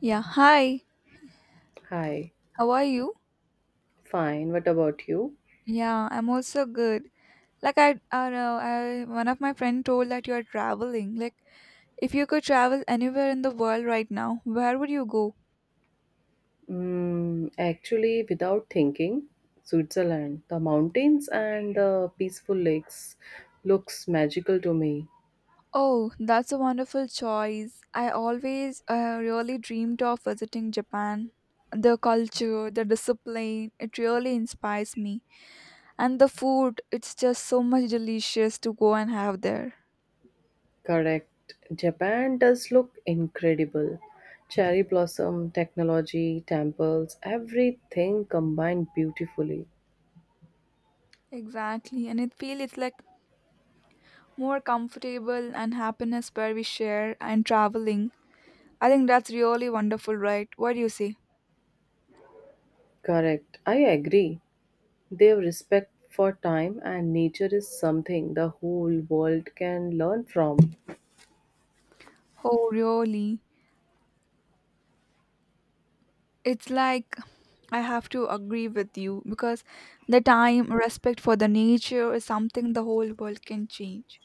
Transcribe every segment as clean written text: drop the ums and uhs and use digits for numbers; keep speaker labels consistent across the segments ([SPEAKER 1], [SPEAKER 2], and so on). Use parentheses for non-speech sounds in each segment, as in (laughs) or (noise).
[SPEAKER 1] Yeah, hi.
[SPEAKER 2] Hi,
[SPEAKER 1] How are you?
[SPEAKER 2] fine. What about you?
[SPEAKER 1] Yeah, I'm also good. Like I know, I one of my friend told that you are traveling. Like if you could travel anywhere in the world right now, where would you go?
[SPEAKER 2] Actually, without thinking, Switzerland, the mountains and the peaceful lakes looks magical to me.
[SPEAKER 1] Oh, that's a wonderful choice. I always really dreamed of visiting Japan. The culture, the discipline, it really inspires me. And the food, it's just so much delicious to go and have there.
[SPEAKER 2] Correct. Japan does look incredible. Cherry blossom, technology, temples, everything combined beautifully.
[SPEAKER 1] Exactly, and it feels it's like more comfortable and happiness where we share and traveling. I think that's really wonderful, right? What do you say?
[SPEAKER 2] Correct. I agree. Their respect for time and nature is something the whole world can learn from.
[SPEAKER 1] Oh, really? It's like I have to agree with you because the time, respect for the nature is something the whole world can change.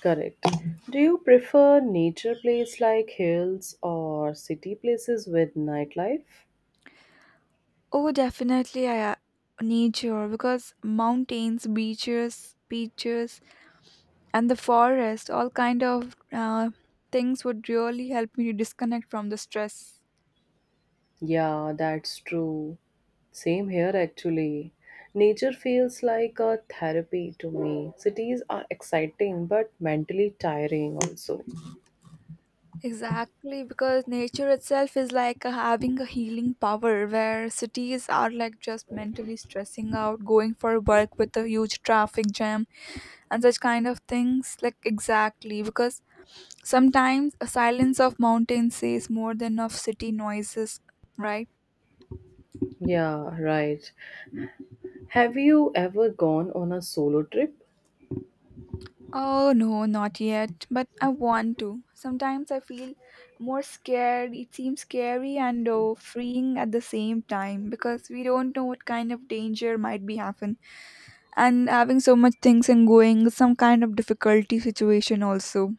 [SPEAKER 2] Correct. Do you prefer nature places like hills or city places with nightlife?
[SPEAKER 1] Oh, definitely, I nature because mountains, beaches, and the forest, all kind of things would really help me to disconnect from the stress.
[SPEAKER 2] Yeah, that's true. Same here actually. Nature feels like a therapy to me. Cities are exciting but mentally tiring also.
[SPEAKER 1] Exactly, because nature itself is like having a healing power where cities are like just mentally stressing out, going for work with a huge traffic jam and such kind of things. Like, exactly, because sometimes a silence of mountain says more than of city noises, right?
[SPEAKER 2] Yeah, right. Have you ever gone on a solo trip?
[SPEAKER 1] Oh no, not yet, but I want to. Sometimes I feel more scared. It seems scary and oh, freeing at the same time because we don't know what kind of danger might be happen. And having so much things and going, is some kind of difficulty situation also.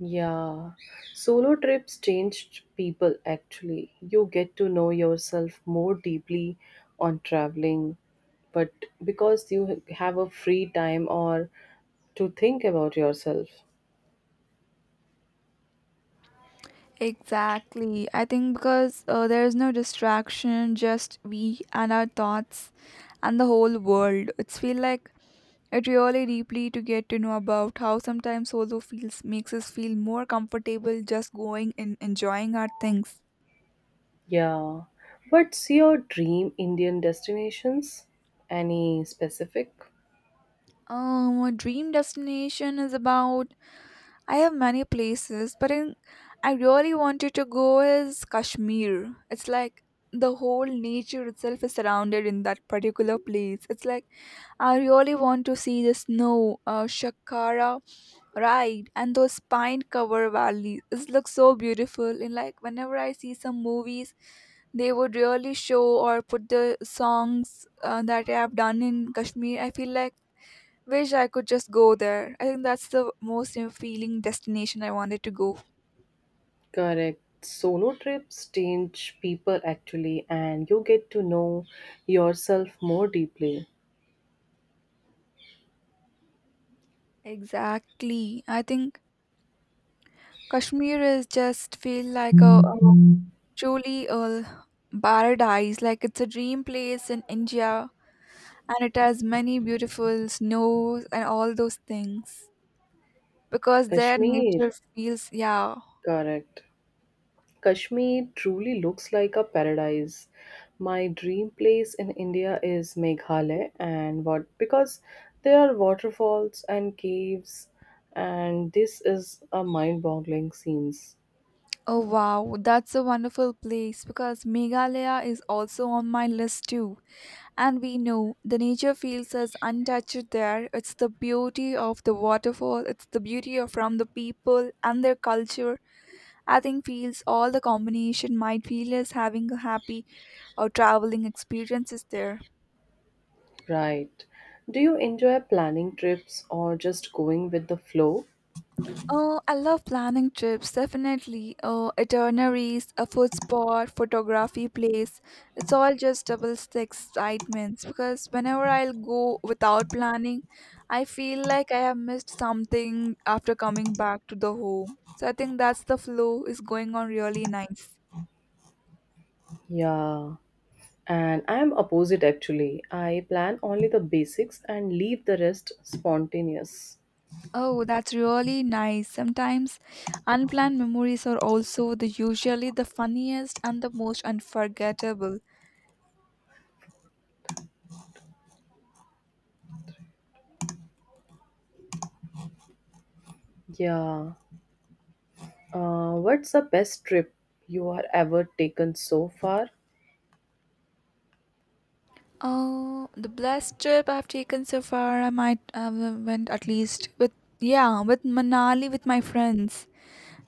[SPEAKER 2] Yeah, solo trips changed people actually. You get to know yourself more deeply on traveling, but because you have a free time or to think about yourself.
[SPEAKER 1] Exactly. I think because there is no distraction, just we and our thoughts and the whole world. It's feel like it really deeply to get to know about how sometimes solo feels makes us feel more comfortable just going and enjoying our things.
[SPEAKER 2] Yeah, what's your dream Indian destinations? Any specific?
[SPEAKER 1] A dream destination is about I have many places, but I really wanted to go is Kashmir. It's like the whole nature itself is surrounded in that particular place. It's like I really want to see the snow, Shakara ride, and those pine-covered valleys. It looks so beautiful. And like whenever I see some movies, they would really show or put the songs that I have done in Kashmir. I feel like wish I could just go there. I think that's the most feeling destination I wanted to go.
[SPEAKER 2] Correct. Solo trips change people actually, and you get to know yourself more deeply.
[SPEAKER 1] Exactly. I think Kashmir is just feel like a truly a paradise. Like it's a dream place in India, and it has many beautiful snows and all those things. Because their
[SPEAKER 2] Kashmir,
[SPEAKER 1] nature feels yeah.
[SPEAKER 2] correct. Kashmir truly looks like a paradise. My dream place in India is Meghalaya, and what because there are waterfalls and caves, and this is a mind-boggling scenes.
[SPEAKER 1] Oh wow, that's a wonderful place. Because Meghalaya is also on my list too. And we know the nature feels as untouched there. It's the beauty of the waterfall, it's the beauty of from the people and their culture. I think feels all the combination might feel as having a happy or traveling experiences there.
[SPEAKER 2] Right. Do you enjoy planning trips or just going with the flow?
[SPEAKER 1] Oh, I love planning trips, definitely. Oh, itineraries, a food spot, photography place. It's all just doubles the excitements because whenever I'll go without planning, I feel like I have missed something after coming back to the home. So I think that's the flow is going on really nice.
[SPEAKER 2] Yeah. And I'm opposite actually. I plan only the basics and leave the rest spontaneous.
[SPEAKER 1] Oh, that's really nice. Sometimes unplanned memories are also the usually the funniest and the most unforgettable.
[SPEAKER 2] Yeah. What's the best trip you are ever taken so far?
[SPEAKER 1] Oh, the best trip I've taken so far, I might have went at least with yeah, with Manali with my friends.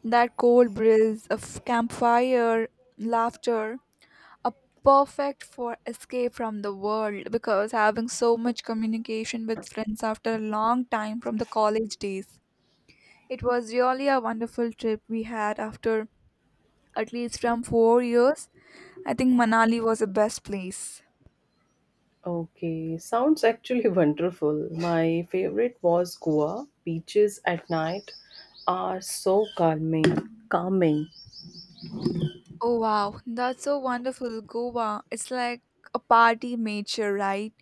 [SPEAKER 1] That cold breeze of campfire, laughter, a perfect for escape from the world because having so much communication with friends after a long time from the college days. It was really a wonderful trip we had after at least from 4 years. I think Manali was the best place.
[SPEAKER 2] Okay, sounds actually (laughs) wonderful. My favorite was Goa. Beaches at night are so calming.
[SPEAKER 1] Oh wow, that's so wonderful. Goa, it's like a party nature, right?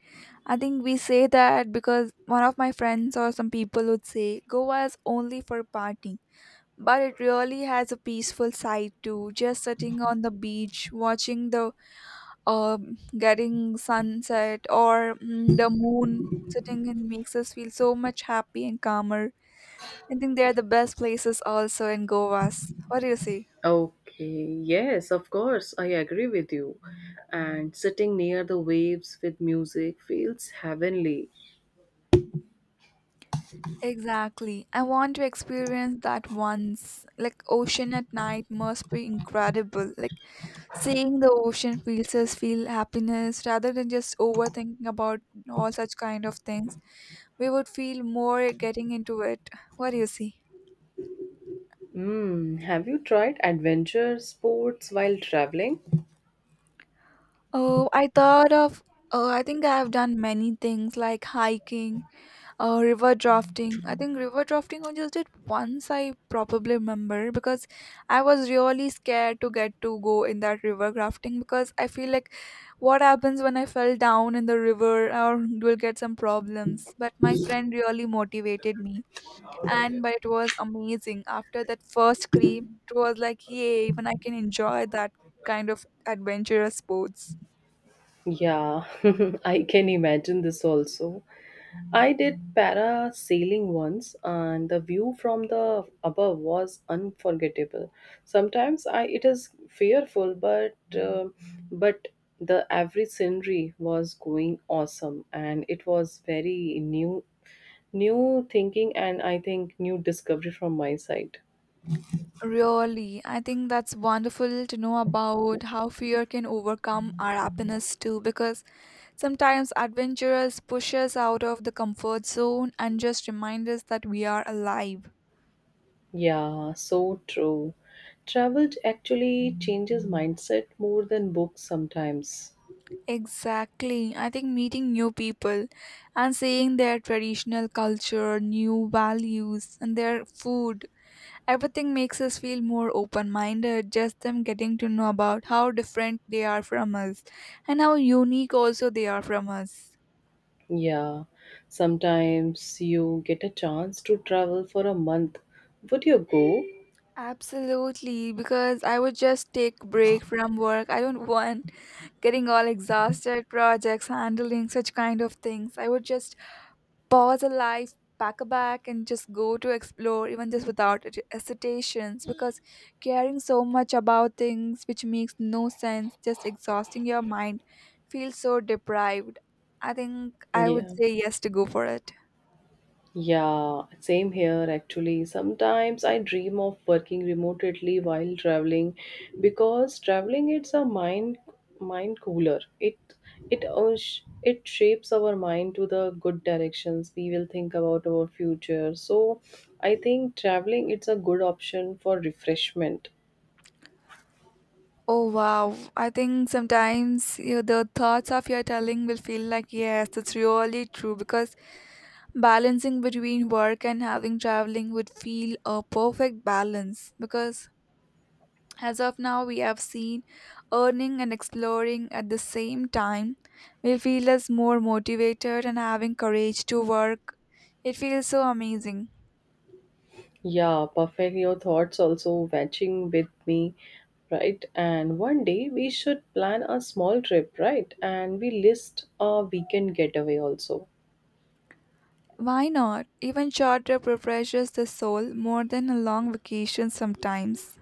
[SPEAKER 1] I think we say that because one of my friends or some people would say Goa is only for partying. But it really has a peaceful side too. Just sitting on the beach, watching the getting sunset or the moon sitting and makes us feel so much happy and calmer. I think they are the best places also in Goa's. What do you say?
[SPEAKER 2] Okay, yes, of course, I agree with you. And sitting near the waves with music feels heavenly.
[SPEAKER 1] Exactly. I want to experience that once. Like ocean at night must be incredible. Like seeing the ocean feels us feel happiness rather than just overthinking about all such kind of things. We would feel more getting into it. What do you see?
[SPEAKER 2] Have you tried adventure sports while traveling?
[SPEAKER 1] Oh, I thought of. Oh, I think I have done many things like hiking, river drafting. I think river drafting I just did once. I probably remember because I was really scared to get to go in that river drafting because I feel like what happens when I fell down in the river or will get some problems. But my friend really motivated me, and but it was amazing. After that first scream, it was like yay! Even I can enjoy that kind of adventurous sports.
[SPEAKER 2] Yeah, (laughs) I can imagine this also. I did parasailing once, and the view from the above was unforgettable. Sometimes I it is fearful, but but the average scenery was going awesome, and it was very new thinking, and I think new discovery from my side.
[SPEAKER 1] Really, I think that's wonderful to know about how fear can overcome our happiness too, because sometimes adventurers push us out of the comfort zone and just remind us that we are alive.
[SPEAKER 2] Yeah, so true. Travel actually changes mindset more than books sometimes.
[SPEAKER 1] Exactly. I think meeting new people and seeing their traditional culture, new values, and their food, everything makes us feel more open minded. Just them getting to know about how different they are from us and how unique also they are from us.
[SPEAKER 2] Yeah, sometimes you get a chance to travel for a month. Would you go?
[SPEAKER 1] Absolutely, because I would just take break from work. I don't want getting all exhausted projects, handling such kind of things. I would just pause a life, pack a bag, and just go to explore, even just without hesitations. Because caring so much about things which makes no sense, just exhausting your mind, feels so deprived. I think I would
[SPEAKER 2] Yeah.
[SPEAKER 1] say yes to go for it.
[SPEAKER 2] Yeah, same here actually. Sometimes I dream of working remotely while traveling because traveling it's a mind cooler. It shapes our mind to the good directions. We will think about our future. So I think traveling it's a good option for refreshment.
[SPEAKER 1] Oh wow, I think sometimes you, the thoughts of your telling will feel like, yes, that's really true because balancing between work and having traveling would feel a perfect balance because as of now we have seen earning and exploring at the same time will feel us more motivated and having courage to work. It feels so amazing.
[SPEAKER 2] Yeah, perfect. Your thoughts also matching with me, right? And one day we should plan a small trip, right? And we list a weekend getaway also.
[SPEAKER 1] Why not? Even short trip refreshes the soul more than a long vacation sometimes.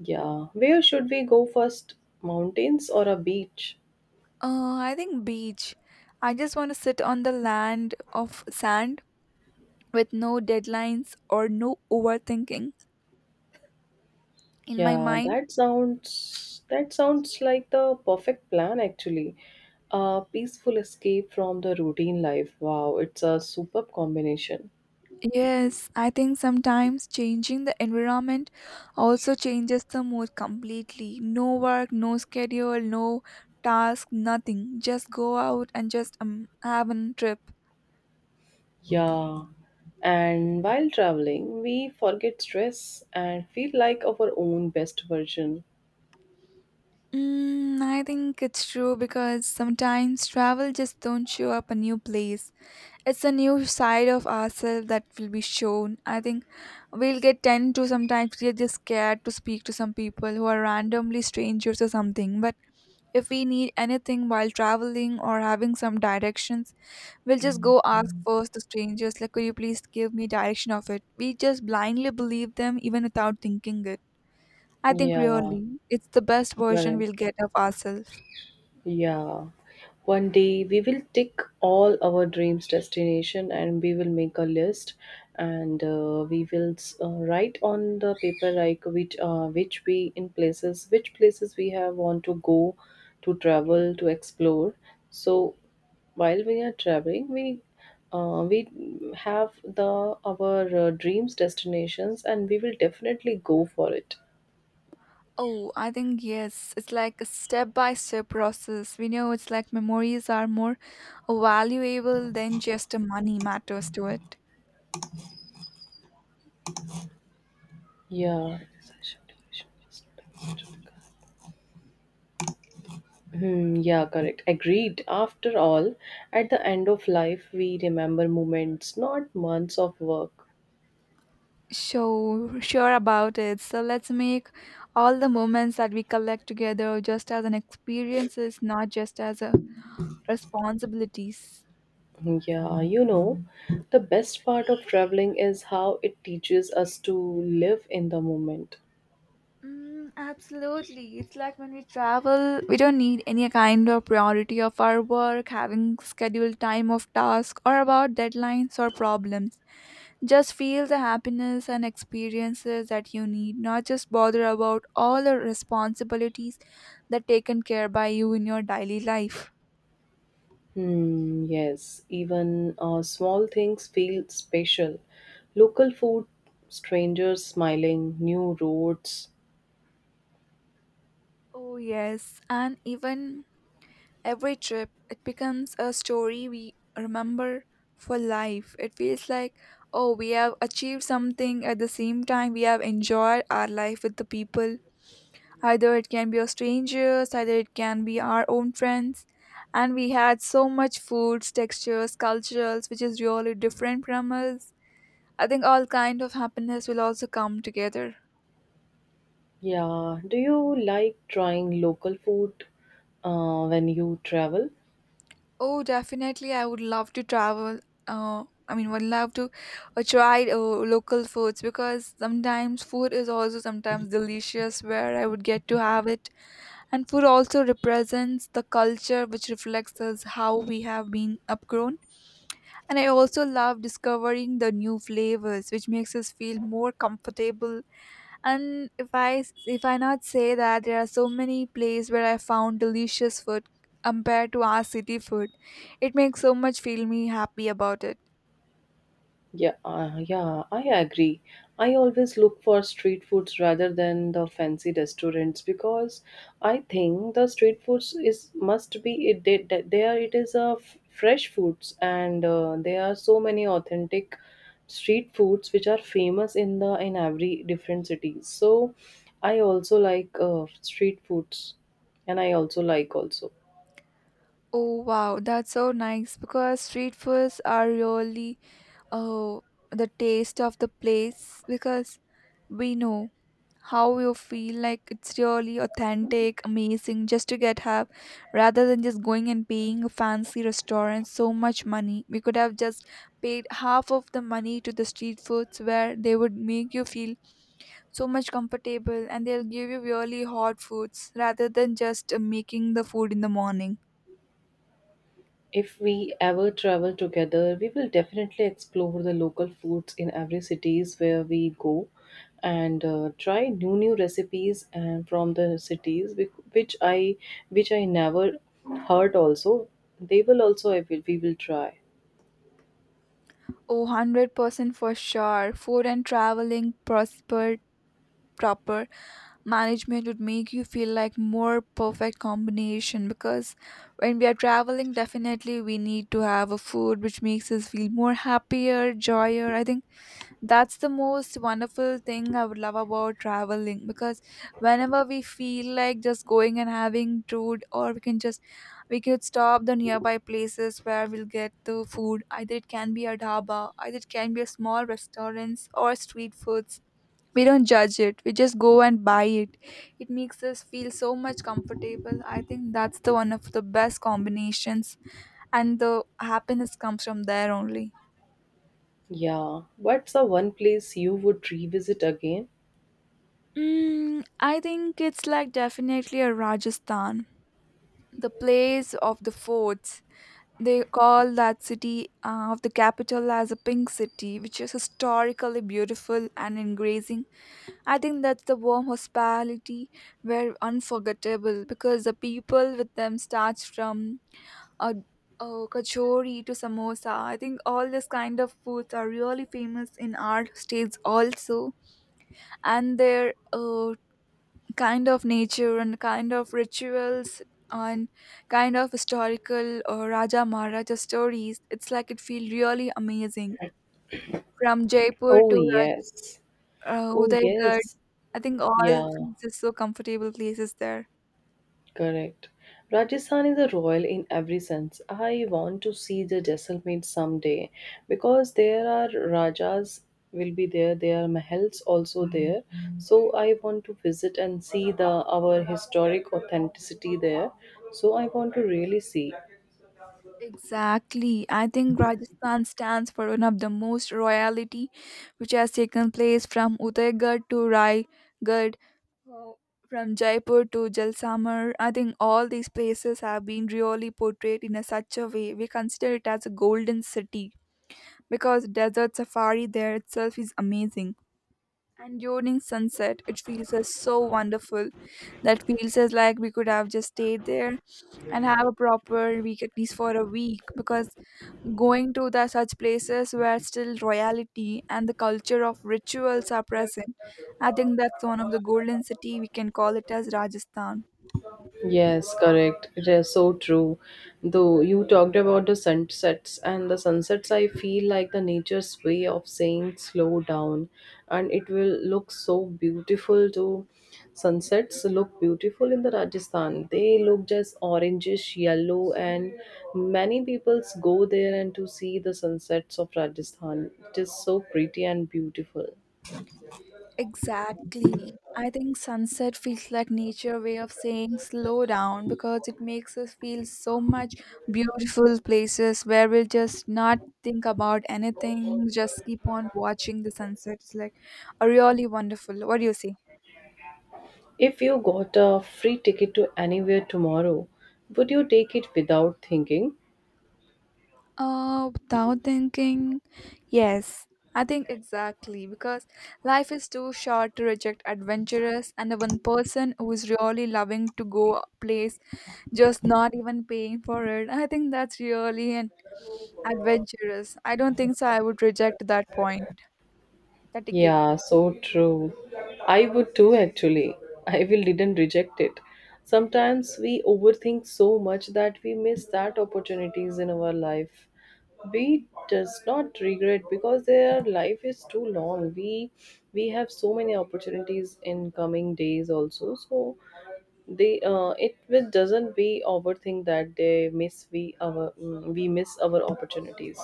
[SPEAKER 2] Yeah, where should we go first? Mountains or a beach?
[SPEAKER 1] I think beach. I just want to sit on the land of sand with no deadlines or no overthinking in my
[SPEAKER 2] Yeah,
[SPEAKER 1] mind.
[SPEAKER 2] that sounds like the perfect plan actually. A peaceful escape from the routine life. Wow, it's a superb combination.
[SPEAKER 1] Yes, I think sometimes changing the environment also changes the mood completely. No work, no schedule, no task, nothing. Just go out and just have a trip.
[SPEAKER 2] Yeah. And while traveling, we forget stress and feel like our own best version.
[SPEAKER 1] I think it's true because sometimes travel just don't show up a new place. It's a new side of ourselves that will be shown. I think we'll get tend to sometimes get just scared to speak to some people who are randomly strangers or something. But if we need anything while traveling or having some directions, we'll just go ask first the strangers, like, could you please give me direction of it? We just blindly believe them even without thinking it. I think
[SPEAKER 2] Yeah.
[SPEAKER 1] really it's the best version we'll
[SPEAKER 2] Correct.
[SPEAKER 1] get of ourselves.
[SPEAKER 2] Yeah. One day we will tick all our dreams destination and we will make a list and we will write on the paper like which we in places which places we have want to go to travel to explore so while we are traveling we have the our dreams destinations and we will definitely go for it
[SPEAKER 1] Oh, I think yes. It's like a step by step process. We know it's like memories are more valuable than just a money matters to it.
[SPEAKER 2] yeah. Hmm, yeah, correct. Agreed. After all, at the end of life, we remember moments, not months of work.
[SPEAKER 1] So sure about it. So let's make all the moments that we collect together just as an experiences, not just as a responsibilities.
[SPEAKER 2] Yeah, the best part of traveling is how it teaches us to live in the moment.
[SPEAKER 1] Mm, absolutely. It's like when we travel, we don't need any kind of priority of our work, having scheduled time of task, or about deadlines or problems. Just feel the happiness and experiences that you need, not just bother about all the responsibilities that taken care by you in your daily life.
[SPEAKER 2] Hmm, yes, even small things feel special. Local food, strangers smiling, new roads.
[SPEAKER 1] Oh yes, and even every trip it becomes a story we remember for life. It feels like, oh, we have achieved something at the same time we have enjoyed our life with the people. Either it can be our strangers, either it can be our own friends. And we had so much foods, textures, cultures, which is really different from us. I think all kind of happiness will also come together.
[SPEAKER 2] Yeah, do you like trying local food when you travel?
[SPEAKER 1] Oh, definitely, I would love to travel. I mean, would love to try local foods because sometimes food is also sometimes delicious where I would get to have it. And food also represents the culture which reflects us how we have been upgrown. And I also love discovering the new flavors, which makes us feel more comfortable. And if I not say that there are so many places where I found delicious food compared to our city food, it makes so much feel me happy about it.
[SPEAKER 2] Yeah, yeah, I agree. I always look for street foods rather than the fancy restaurants because I think the street foods is must be it there it is a fresh foods and there are so many authentic street foods which are famous in the in every different cities. So I also like street foods and I also like also.
[SPEAKER 1] Oh wow, that's so nice because street foods are really, oh, the taste of the place because we know how you feel like it's really authentic, amazing, just to get help rather than just going and paying a fancy restaurant so much money. We could have just paid half of the money to the street foods where they would make you feel so much comfortable, and they'll give you really hot foods rather than just making the food in the morning.
[SPEAKER 2] If we ever travel together, we will definitely explore the local foods in every cities where we go and try new recipes and from the cities which I which I never heard also. They will also I will, we will try.
[SPEAKER 1] Oh, 100% for sure. Food and traveling prospered proper management would make you feel like more perfect combination, because when we are traveling definitely we need to have a food which makes us feel more happier joyer, I think that's the most wonderful thing I would love about traveling. Because whenever we feel like just going and having food, or we can just we could stop the nearby places where we'll get the food. Either it can be a dhaba, either it can be a small restaurants or street foods. We don't judge it. We just go and buy it. It makes us feel so much comfortable. I think that's the one of the best combinations, and the happiness comes from there only.
[SPEAKER 2] Yeah. What's the one place you would revisit again?
[SPEAKER 1] Mm, I think it's like definitely a Rajasthan, the place of the forts. They call that city of the capital as a pink city, which is historically beautiful and engaging. I think that's the warm hospitality were unforgettable, because the people with them starts from a, a kachori to samosa. I think all this kind of foods are really famous in our states also, and their kind of nature and kind of rituals and kind of historical or Raja Maharaja stories. It's like it feels really amazing. From Jaipur
[SPEAKER 2] Oh
[SPEAKER 1] to
[SPEAKER 2] yes. Oh
[SPEAKER 1] Udaigad,
[SPEAKER 2] yes.
[SPEAKER 1] I think all
[SPEAKER 2] Yeah.
[SPEAKER 1] feels is so comfortable places there.
[SPEAKER 2] Correct. Rajasthan is a royal in every sense. I want to see the Jaisalmer someday because there are rajas will be there. There are mahals also there. So I want to visit and see the our historic authenticity there. So I want to really see.
[SPEAKER 1] Exactly. I think Rajasthan stands for one of the most royalty which has taken place from Udaigad to Raigad, uh, from Jaipur to Jalsamar. I think all these places have been really portrayed in a such a way. We consider it as a golden city, because desert safari there itself is amazing. And during sunset, it feels as so wonderful. That feels as like we could have just stayed there and have a proper week, at least for a week, because going to the such places where still royalty and the culture of rituals are present, I think that's one of the golden city we can call it as Rajasthan.
[SPEAKER 2] Yes, correct. It is so true. Though you talked about the sunsets, I feel like the nature's way of saying slow down, and it will look so beautiful too. Sunsets look beautiful in the Rajasthan. They look just orangish yellow, and many peoples go there and to see the sunsets of Rajasthan. It is so pretty and beautiful.
[SPEAKER 1] Exactly. I think sunset feels like nature way of saying slow down, because it makes us feel so much beautiful places where we'll just not think about anything, just keep on watching the sunset. It's like a really wonderful. What do you say?
[SPEAKER 2] If you got a free ticket to anywhere tomorrow, would you take it without thinking?
[SPEAKER 1] Without thinking, yes, I think exactly, because life is too short to reject adventurous and the one person who is really loving to go a place, just not even paying for it. I think that's really an adventurous. I don't think so. I would reject that point, that ticket.
[SPEAKER 2] Yeah, so true. I would too, actually. I will didn't reject it. Sometimes we overthink so much that we miss that opportunities in our life. We does not regret because their life is too long. We have so many opportunities in coming days also. So they it will doesn't be overthink that they miss we our mm, we miss our opportunities.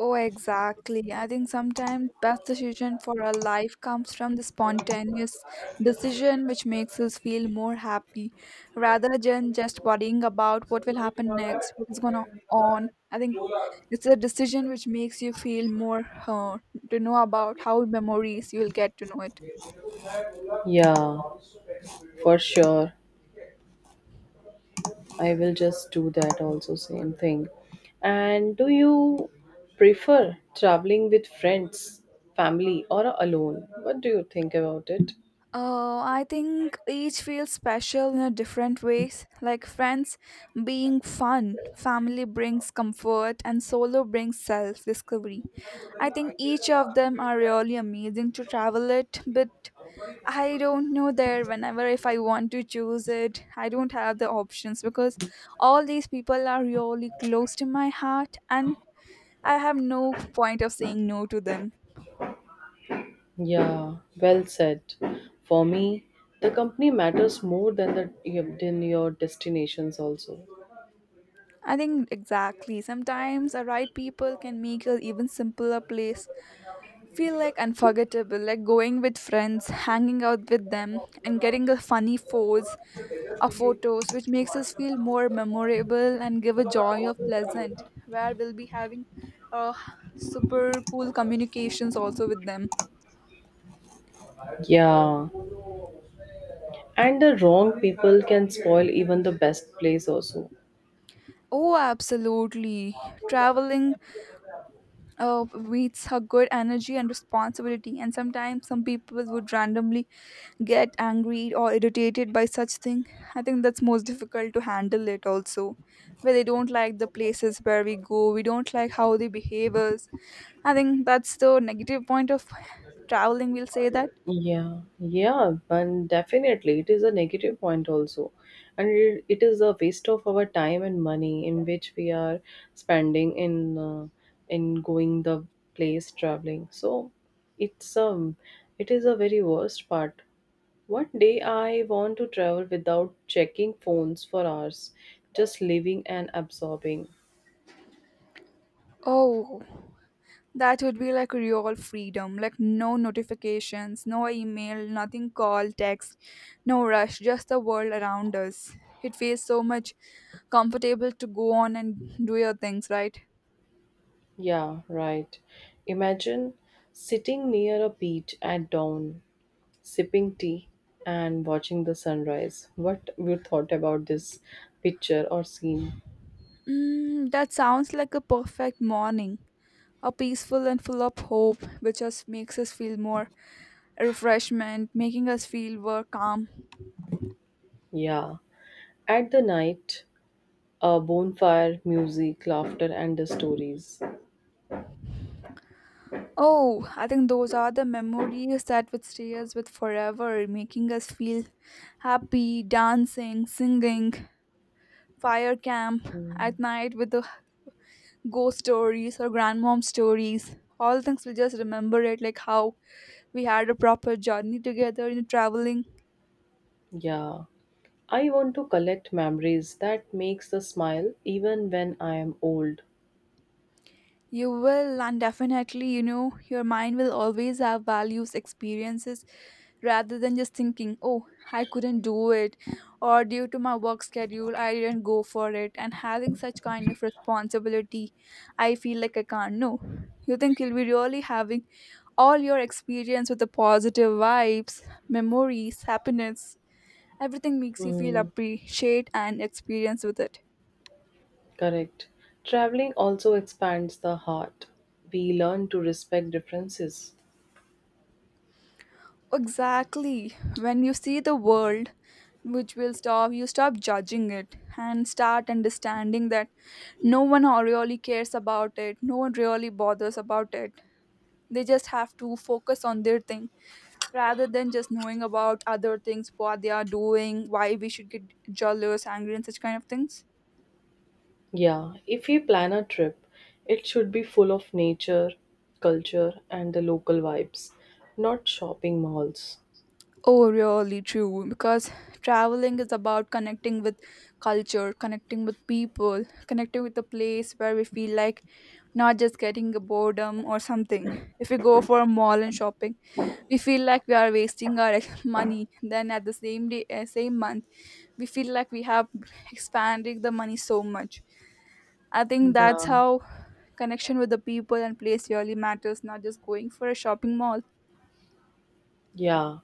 [SPEAKER 1] Oh, exactly. I think sometimes best decision for our life comes from the spontaneous decision which makes us feel more happy, rather than just worrying about what will happen next, what is gonna on. I think it's a decision which makes you feel more uh, to know about how memories you'll get to know it.
[SPEAKER 2] Yeah, for sure. I will just do that also, same thing. And do you prefer traveling with friends, family, or alone? What do you think about it?
[SPEAKER 1] Oh, I think each feels special in a different ways. Like friends being fun, family brings comfort, and solo brings self discovery. I think each of them are really amazing to travel it, but I don't know there whenever if I want to choose it, I don't have the options, because all these people are really close to my heart and I have no point of saying no to them.
[SPEAKER 2] Yeah, well said. For me, the company matters more than the than your destinations also.
[SPEAKER 1] I think exactly. Sometimes the right people can make an even simpler place feel like unforgettable, like going with friends, hanging out with them, and getting a funny pose or photos, which makes us feel more memorable and give a joy of pleasant, where we'll be having uh, super cool communications also with them.
[SPEAKER 2] Yeah, and the wrong people can spoil even the best place also.
[SPEAKER 1] Oh, absolutely. Traveling meets a good energy and responsibility, and sometimes some people would randomly get angry or irritated by such thing. I think that's most difficult to handle it also, where they don't like the places where we go, we don't like how they behave us. I think that's the negative point of traveling, we'll say that.
[SPEAKER 2] Yeah, yeah, and definitely it is a negative point also. And it is a waste of our time and money in which we are spending in in going the place traveling. So it's um it is a very worst part. One day I want to travel without checking phones for hours, just living and absorbing.
[SPEAKER 1] Oh, that would be like real freedom, like no notifications, no email, nothing, call, text, no rush, just the world around us. It feels so much comfortable to go on and do your things, right?
[SPEAKER 2] Yeah, right. Imagine sitting near a beach at dawn sipping tea and watching the sunrise. What you thought about this picture or scene?
[SPEAKER 1] Mm, that sounds like a perfect morning, a peaceful and full of hope, which us makes us feel more refreshment, making us feel more calm.
[SPEAKER 2] Yeah. At the night, a bonfire, music, laughter, and the stories.
[SPEAKER 1] Oh, I think those are the memories that would stay us with forever, making us feel happy, dancing, singing, fire camp at night with the ghost stories or grandmom stories. All things we just remember it like how we had a proper journey together in traveling.
[SPEAKER 2] Yeah. I want to collect memories that makes the smile even when I am old.
[SPEAKER 1] You will, and definitely, you know, your mind will always have values, experiences, rather than just thinking, oh, I couldn't do it, or due to my work schedule, I didn't go for it. And having such kind of responsibility, I feel like I can't. No, you think you'll be really having all your experience with the positive vibes, memories, happiness, everything makes you feel
[SPEAKER 2] Mm,
[SPEAKER 1] appreciate and experience with it.
[SPEAKER 2] Correct. Traveling also expands the heart. We learn to respect differences.
[SPEAKER 1] Exactly. When you see the world, which will stop, you stop judging it and start understanding that no one or really cares about it, no one really bothers about it. They just have to focus on their thing rather than just knowing about other things, what they are doing, why we should get jealous, angry, and such kind of things.
[SPEAKER 2] Yeah, if you plan a trip, it should be full of nature, culture, and the local vibes, not shopping malls.
[SPEAKER 1] Oh, really true. Because traveling is about connecting with culture, connecting with people, connecting with a place where we feel like not just getting a boredom or something. If we go for a mall and shopping, we feel like we are wasting our (laughs) money. Then at the same day, same month, we feel like we have expanded the money so much. I think that's
[SPEAKER 2] Yeah,
[SPEAKER 1] how connection with the people and place really matters. Not just going for a shopping mall.
[SPEAKER 2] yeah.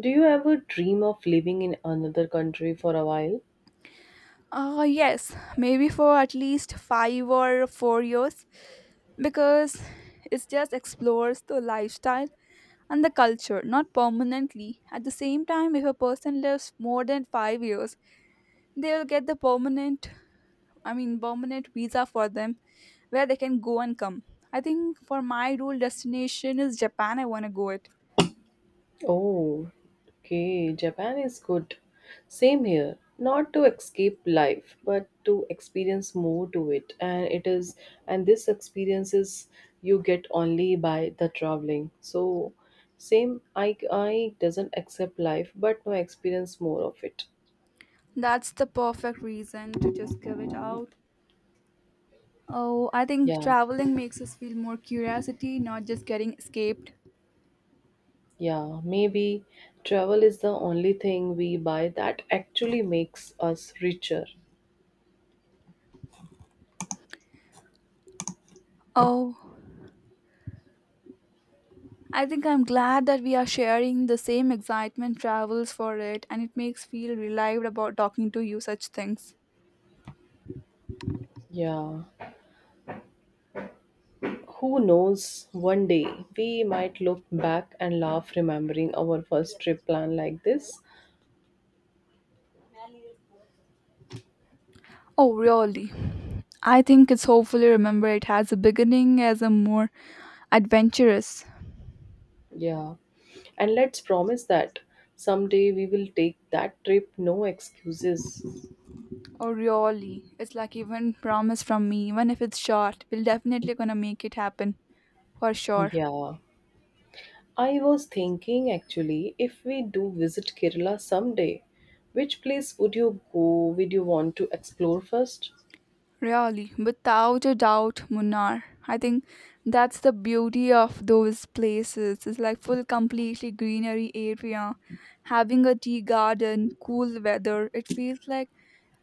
[SPEAKER 2] Do you ever dream of living in another country for a while?
[SPEAKER 1] Yes, maybe for at least 5 or 4 years, because it just explores the lifestyle and the culture, not permanently. At the same time, if a person lives more than 5 years, they will get the permanent, I mean, permanent visa for them where they can go and come. I think for my rule destination is Japan, I want to go it.
[SPEAKER 2] Oh, okay. Japan is good. Same here. Not to escape life, but to experience more to it. And this experiences you get only by the traveling. So, same. I doesn't accept life, but no experience more of it.
[SPEAKER 1] That's the perfect reason to just give it out. Oh, I think
[SPEAKER 2] Yeah,
[SPEAKER 1] traveling makes us feel more curiosity, not just getting escaped.
[SPEAKER 2] yeah. Maybe travel is the only thing we buy that actually makes us richer.
[SPEAKER 1] Oh, I think I'm glad that we are sharing the same excitement travels for it, and it makes feel relieved about talking to you such things.
[SPEAKER 2] Yeah. Who knows, one day we might look back and laugh remembering our first trip plan like this.
[SPEAKER 1] Oh, really? I think it's hopefully remember it has a beginning as a more adventurous.
[SPEAKER 2] Yeah. And let's promise that someday we will take that trip, no excuses.
[SPEAKER 1] Oh, really? It's like even promise from me, even if it's short, we'll definitely gonna make it happen for sure.
[SPEAKER 2] Yeah. I was thinking actually if we do visit Kerala someday, which place would you go? Would you want to explore first?
[SPEAKER 1] Really, without a doubt, Munnar. I think that's the beauty of those places. It's like full, completely greenery area. Having a tea garden, cool weather, it feels like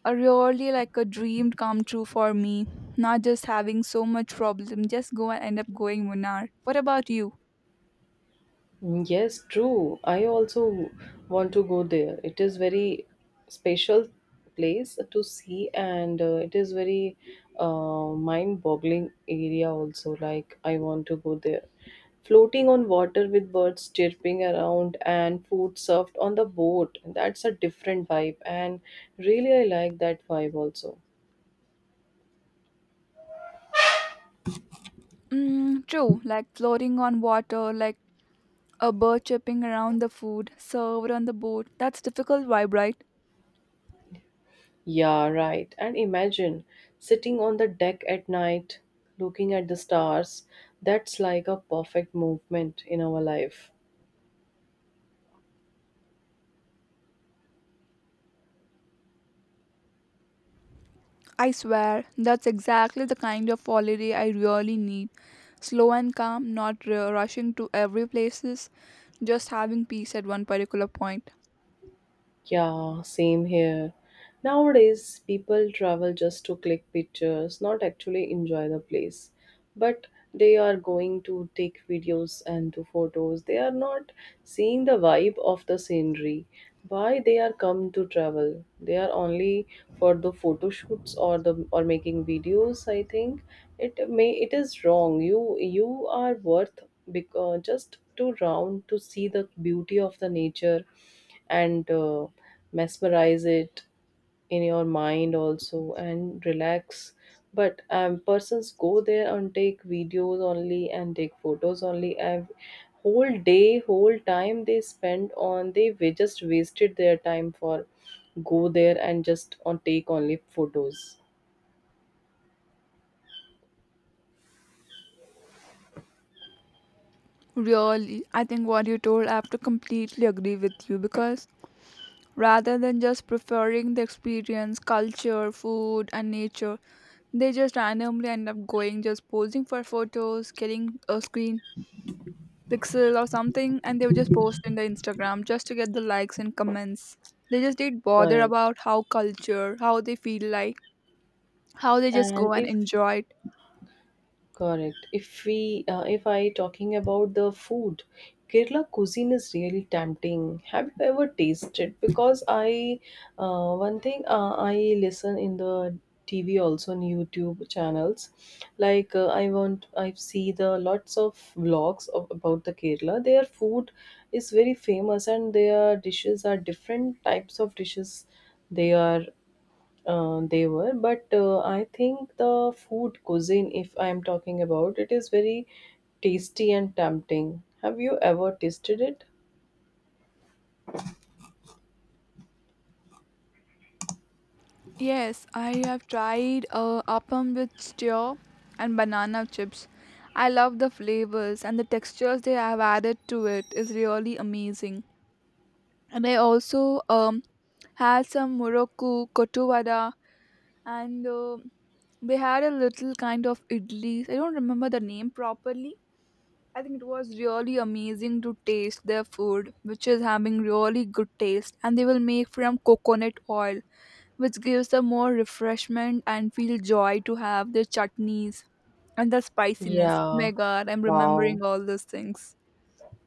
[SPEAKER 1] a really like a dream come true for me. Not just having so much problem, just go and end up going Munnar. What about you?
[SPEAKER 2] Yes, true. I also want to go there. It is very special place to see, and it is very mind-boggling area also. Like I want to go there. Floating on water with birds chirping around and food served on the boat. That's a different vibe, and really I like that vibe also.
[SPEAKER 1] Mm, true, like floating on water, like a bird chirping around the food served on the boat. That's difficult vibe, right?
[SPEAKER 2] Yeah, right. And imagine sitting on the deck at night, looking at the stars. That's like a perfect movement in our life.
[SPEAKER 1] I swear, that's exactly the kind of holiday I really need. Slow and calm, not rushing to every places, just having peace at one particular point.
[SPEAKER 2] Yeah, same here. Nowadays, people travel just to click pictures, not actually enjoy the place. But they are going to take videos and do photos. They are not seeing the vibe of the scenery. Why they are come to travel? They are only for the photo shoots or the or making videos. I think it is wrong. You are worth because just to round to see the beauty of the nature and mesmerize it in your mind also and relax but persons go there and take videos only and take photos only and whole day whole time they spend on they we just wasted their time for go there and just on take only photos
[SPEAKER 1] Really, I think what you told, I have to completely agree with you, because rather than just preferring the experience, culture, food, and nature, they just randomly end up going, just posing for photos, getting a screen pixel or something, and they would just post in the Instagram just to get the likes and comments. They just didn't bother
[SPEAKER 2] correct
[SPEAKER 1] about how culture, how they feel like, how they just
[SPEAKER 2] and
[SPEAKER 1] go and
[SPEAKER 2] if
[SPEAKER 1] enjoy it.
[SPEAKER 2] Correct. If we, if I talking about the food, Kerala cuisine is really tempting. Have you ever tasted? Because one thing I listen in the TV also on YouTube channels, like I see the lots of vlogs of about the Kerala. Their food is very famous and their dishes are different types of dishes. They are they were, but I think the food cuisine, if I am talking about, it is very tasty and tempting. Have you ever tasted it?
[SPEAKER 1] Yes, I have tried appam with stew and banana chips. I love the flavors and the textures they have added to it is really amazing. And I also had some Morocco kotu vada and they had a little kind of idlis. I don't remember the name properly, I think it was really amazing to taste their food, which is having really good taste, and they will make from coconut oil, which gives them more refreshment and feel joy to have their chutneys and the spiciness. Oh my
[SPEAKER 2] Yeah.
[SPEAKER 1] god, I'm remembering
[SPEAKER 2] Wow.
[SPEAKER 1] all those things.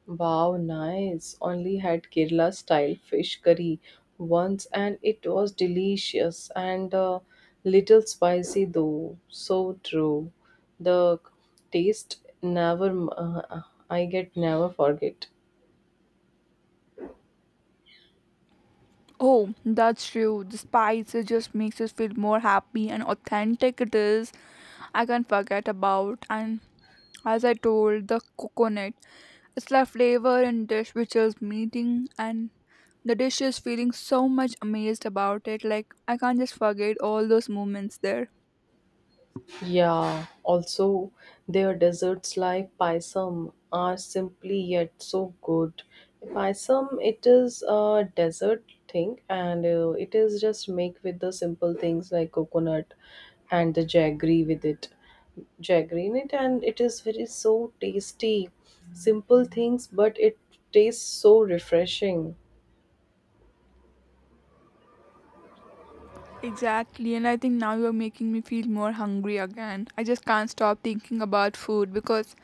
[SPEAKER 2] Wow, nice. Only had Kerala style fish curry once and it was delicious and little spicy though. So true. The taste never, I get never forget.
[SPEAKER 1] Oh, that's true. The spice it just makes us feel more happy and authentic it is. I can't forget about, and as I told the coconut. It's like flavor in dish which is meeting, and the dish is feeling so much amazed about it. Like I can't just forget all those moments there.
[SPEAKER 2] Yeah, also their desserts like paisam are simply yet so good. Paisam, it is a dessert thing and it is just make with the simple things like coconut and the jaggery with it. Jaggery in it and it is very so tasty. Simple things but it tastes so refreshing.
[SPEAKER 1] Exactly, and I think now you're making me feel more hungry again. I just can't stop thinking about food, because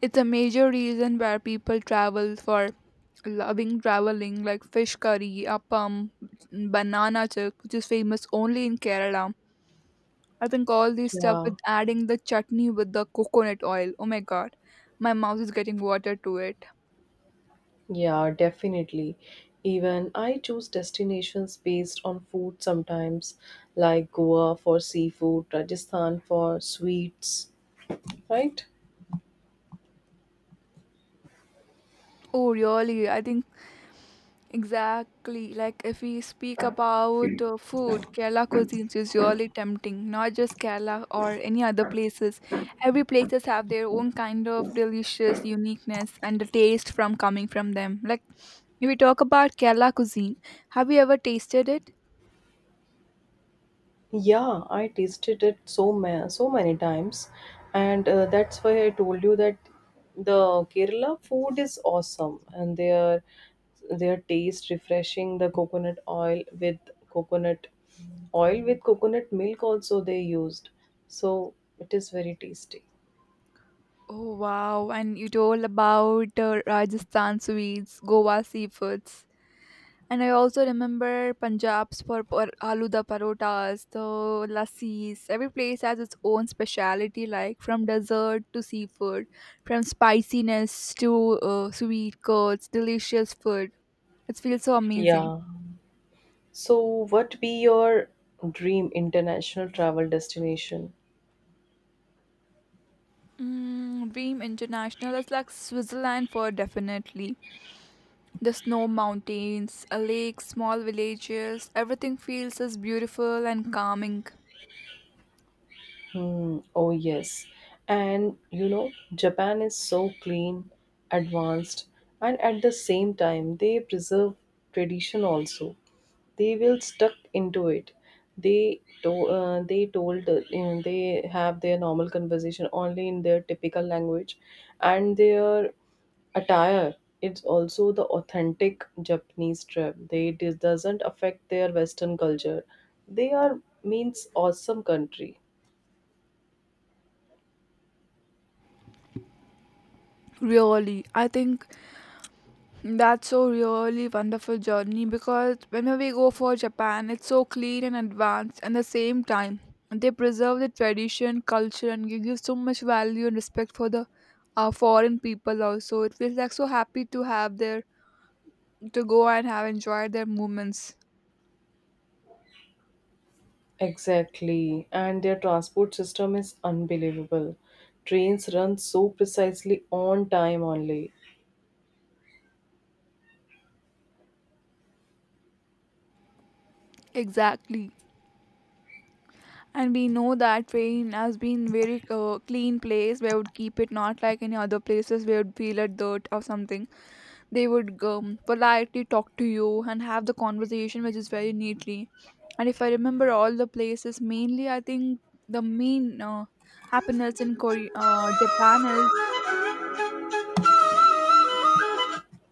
[SPEAKER 1] it's a major reason where people travel for loving traveling, like fish curry, appam, banana chick, which is famous only in Kerala. I think all this stuff
[SPEAKER 2] Yeah.
[SPEAKER 1] with adding the chutney with the coconut oil. Oh my god, my mouth is getting water to it.
[SPEAKER 2] Yeah, definitely. Even I choose destinations based on food sometimes, like Goa for seafood, Rajasthan for sweets, right?
[SPEAKER 1] Oh, really? I think exactly. Like if we speak about food, Kerala cuisines is really tempting. Not just Kerala or any other places. Every places have their own kind of delicious uniqueness and the taste from coming from them. Like if we talk about Kerala cuisine, have you ever tasted it?
[SPEAKER 2] Yeah, I tasted it so so many times, and that's why I told you that the Kerala food is awesome, and their taste refreshing. The coconut oil with coconut milk also they used, so it is very tasty.
[SPEAKER 1] Oh wow! And you told about Rajasthan sweets, Goa seafoods. And I also remember Punjab's for aloo da parotas, the lassis. Every place has its own speciality, like from dessert to seafood, from spiciness to sweet curds, delicious food. It feels so amazing.
[SPEAKER 2] Yeah. So, what be your dream international travel destination?
[SPEAKER 1] Mm, Dream International is like Switzerland for definitely. The snow mountains, a lake, small villages, everything feels as beautiful and calming.
[SPEAKER 2] Hmm. Oh, yes. And Japan is so clean, advanced, and at the same time, they preserve tradition also. They will stuck into it. They told they have their normal conversation only in their typical language, and their attire it's also the authentic Japanese trip. They it doesn't affect their western culture. They are means awesome country.
[SPEAKER 1] Really, I think that's so really wonderful journey, because whenever we go for Japan, it's so clean and advanced. And the same time, they preserve the tradition, culture, and give you so much value and respect for the foreign people. Also, it feels like so happy to have their to go and have enjoyed their moments.
[SPEAKER 2] Exactly, and their transport system is unbelievable. Trains run so precisely on time only.
[SPEAKER 1] Exactly, and we know that Spain has been very clean place where would keep it, not like any other places where would feel a dirt or something. They would politely talk to you and have the conversation which is very neatly, and if I remember all the places mainly, I think the main happiness in Korea, Japan is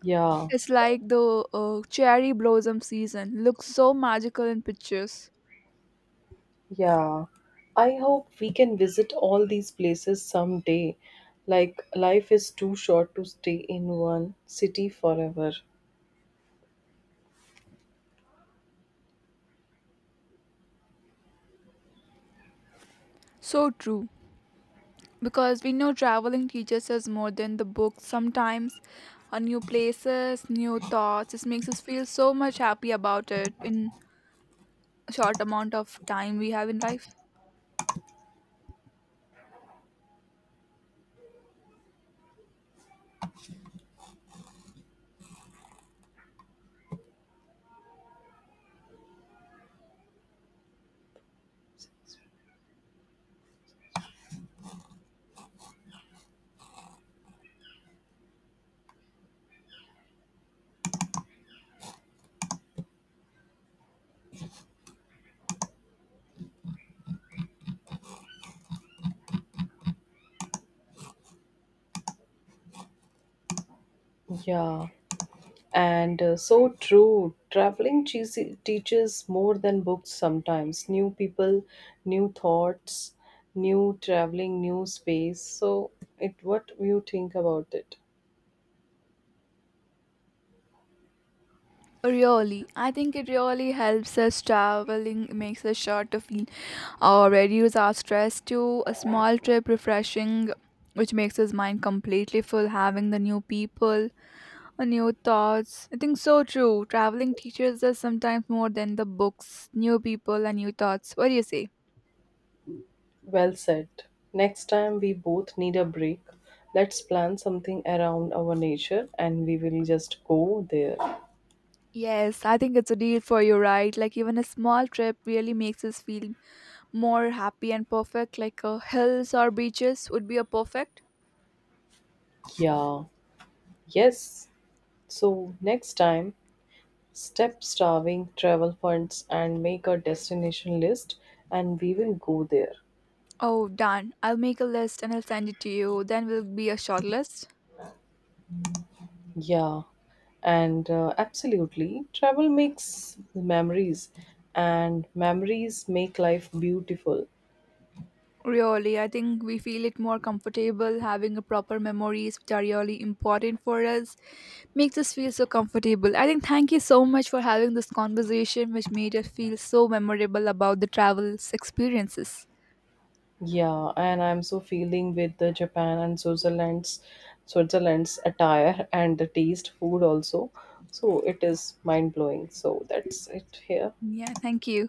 [SPEAKER 2] Yeah,
[SPEAKER 1] it's like the cherry blossom season looks so magical in pictures.
[SPEAKER 2] yeah. I hope we can visit all these places someday. Like, life is too short to stay in one city forever.
[SPEAKER 1] So true, because we know traveling teaches us more than the books sometimes. New places, new thoughts, it makes us feel so much happy about it in a short amount of time we have in life.
[SPEAKER 2] Yeah. And so true. Traveling teaches more than books sometimes. New people, new thoughts, new traveling, new space. So, what you think about it?
[SPEAKER 1] Really, I think it really helps us traveling, makes us sure to feel or reduce our stress to a small trip, refreshing, which makes his mind completely full, having the new people, new thoughts. I think so true. Traveling teaches us sometimes more than the books, new people, and new thoughts. What do you say?
[SPEAKER 2] Well said. Next time we both need a break. Let's plan something around our nature and we will just go there.
[SPEAKER 1] Yes, I think it's a deal for you, right? Like, even a small trip really makes us feel more happy and perfect, like hills or beaches would be a perfect.
[SPEAKER 2] Yeah. Yes. So next time, step starving travel funds and make a destination list and we will go there.
[SPEAKER 1] Oh, done. I'll make a list and I'll send it to you. Then will be a short list.
[SPEAKER 2] Yeah, and absolutely. Travel makes memories, and memories make life beautiful.
[SPEAKER 1] Really, I think we feel it more comfortable having a proper memories which are really important for us. Makes us feel so comfortable. I think thank you so much for having this conversation which made us feel so memorable about the travel experiences.
[SPEAKER 2] Yeah, and I'm so feeling with the Japan and Switzerland's attire and the taste food also. So it is mind blowing. So that's it here.
[SPEAKER 1] Yeah, thank you.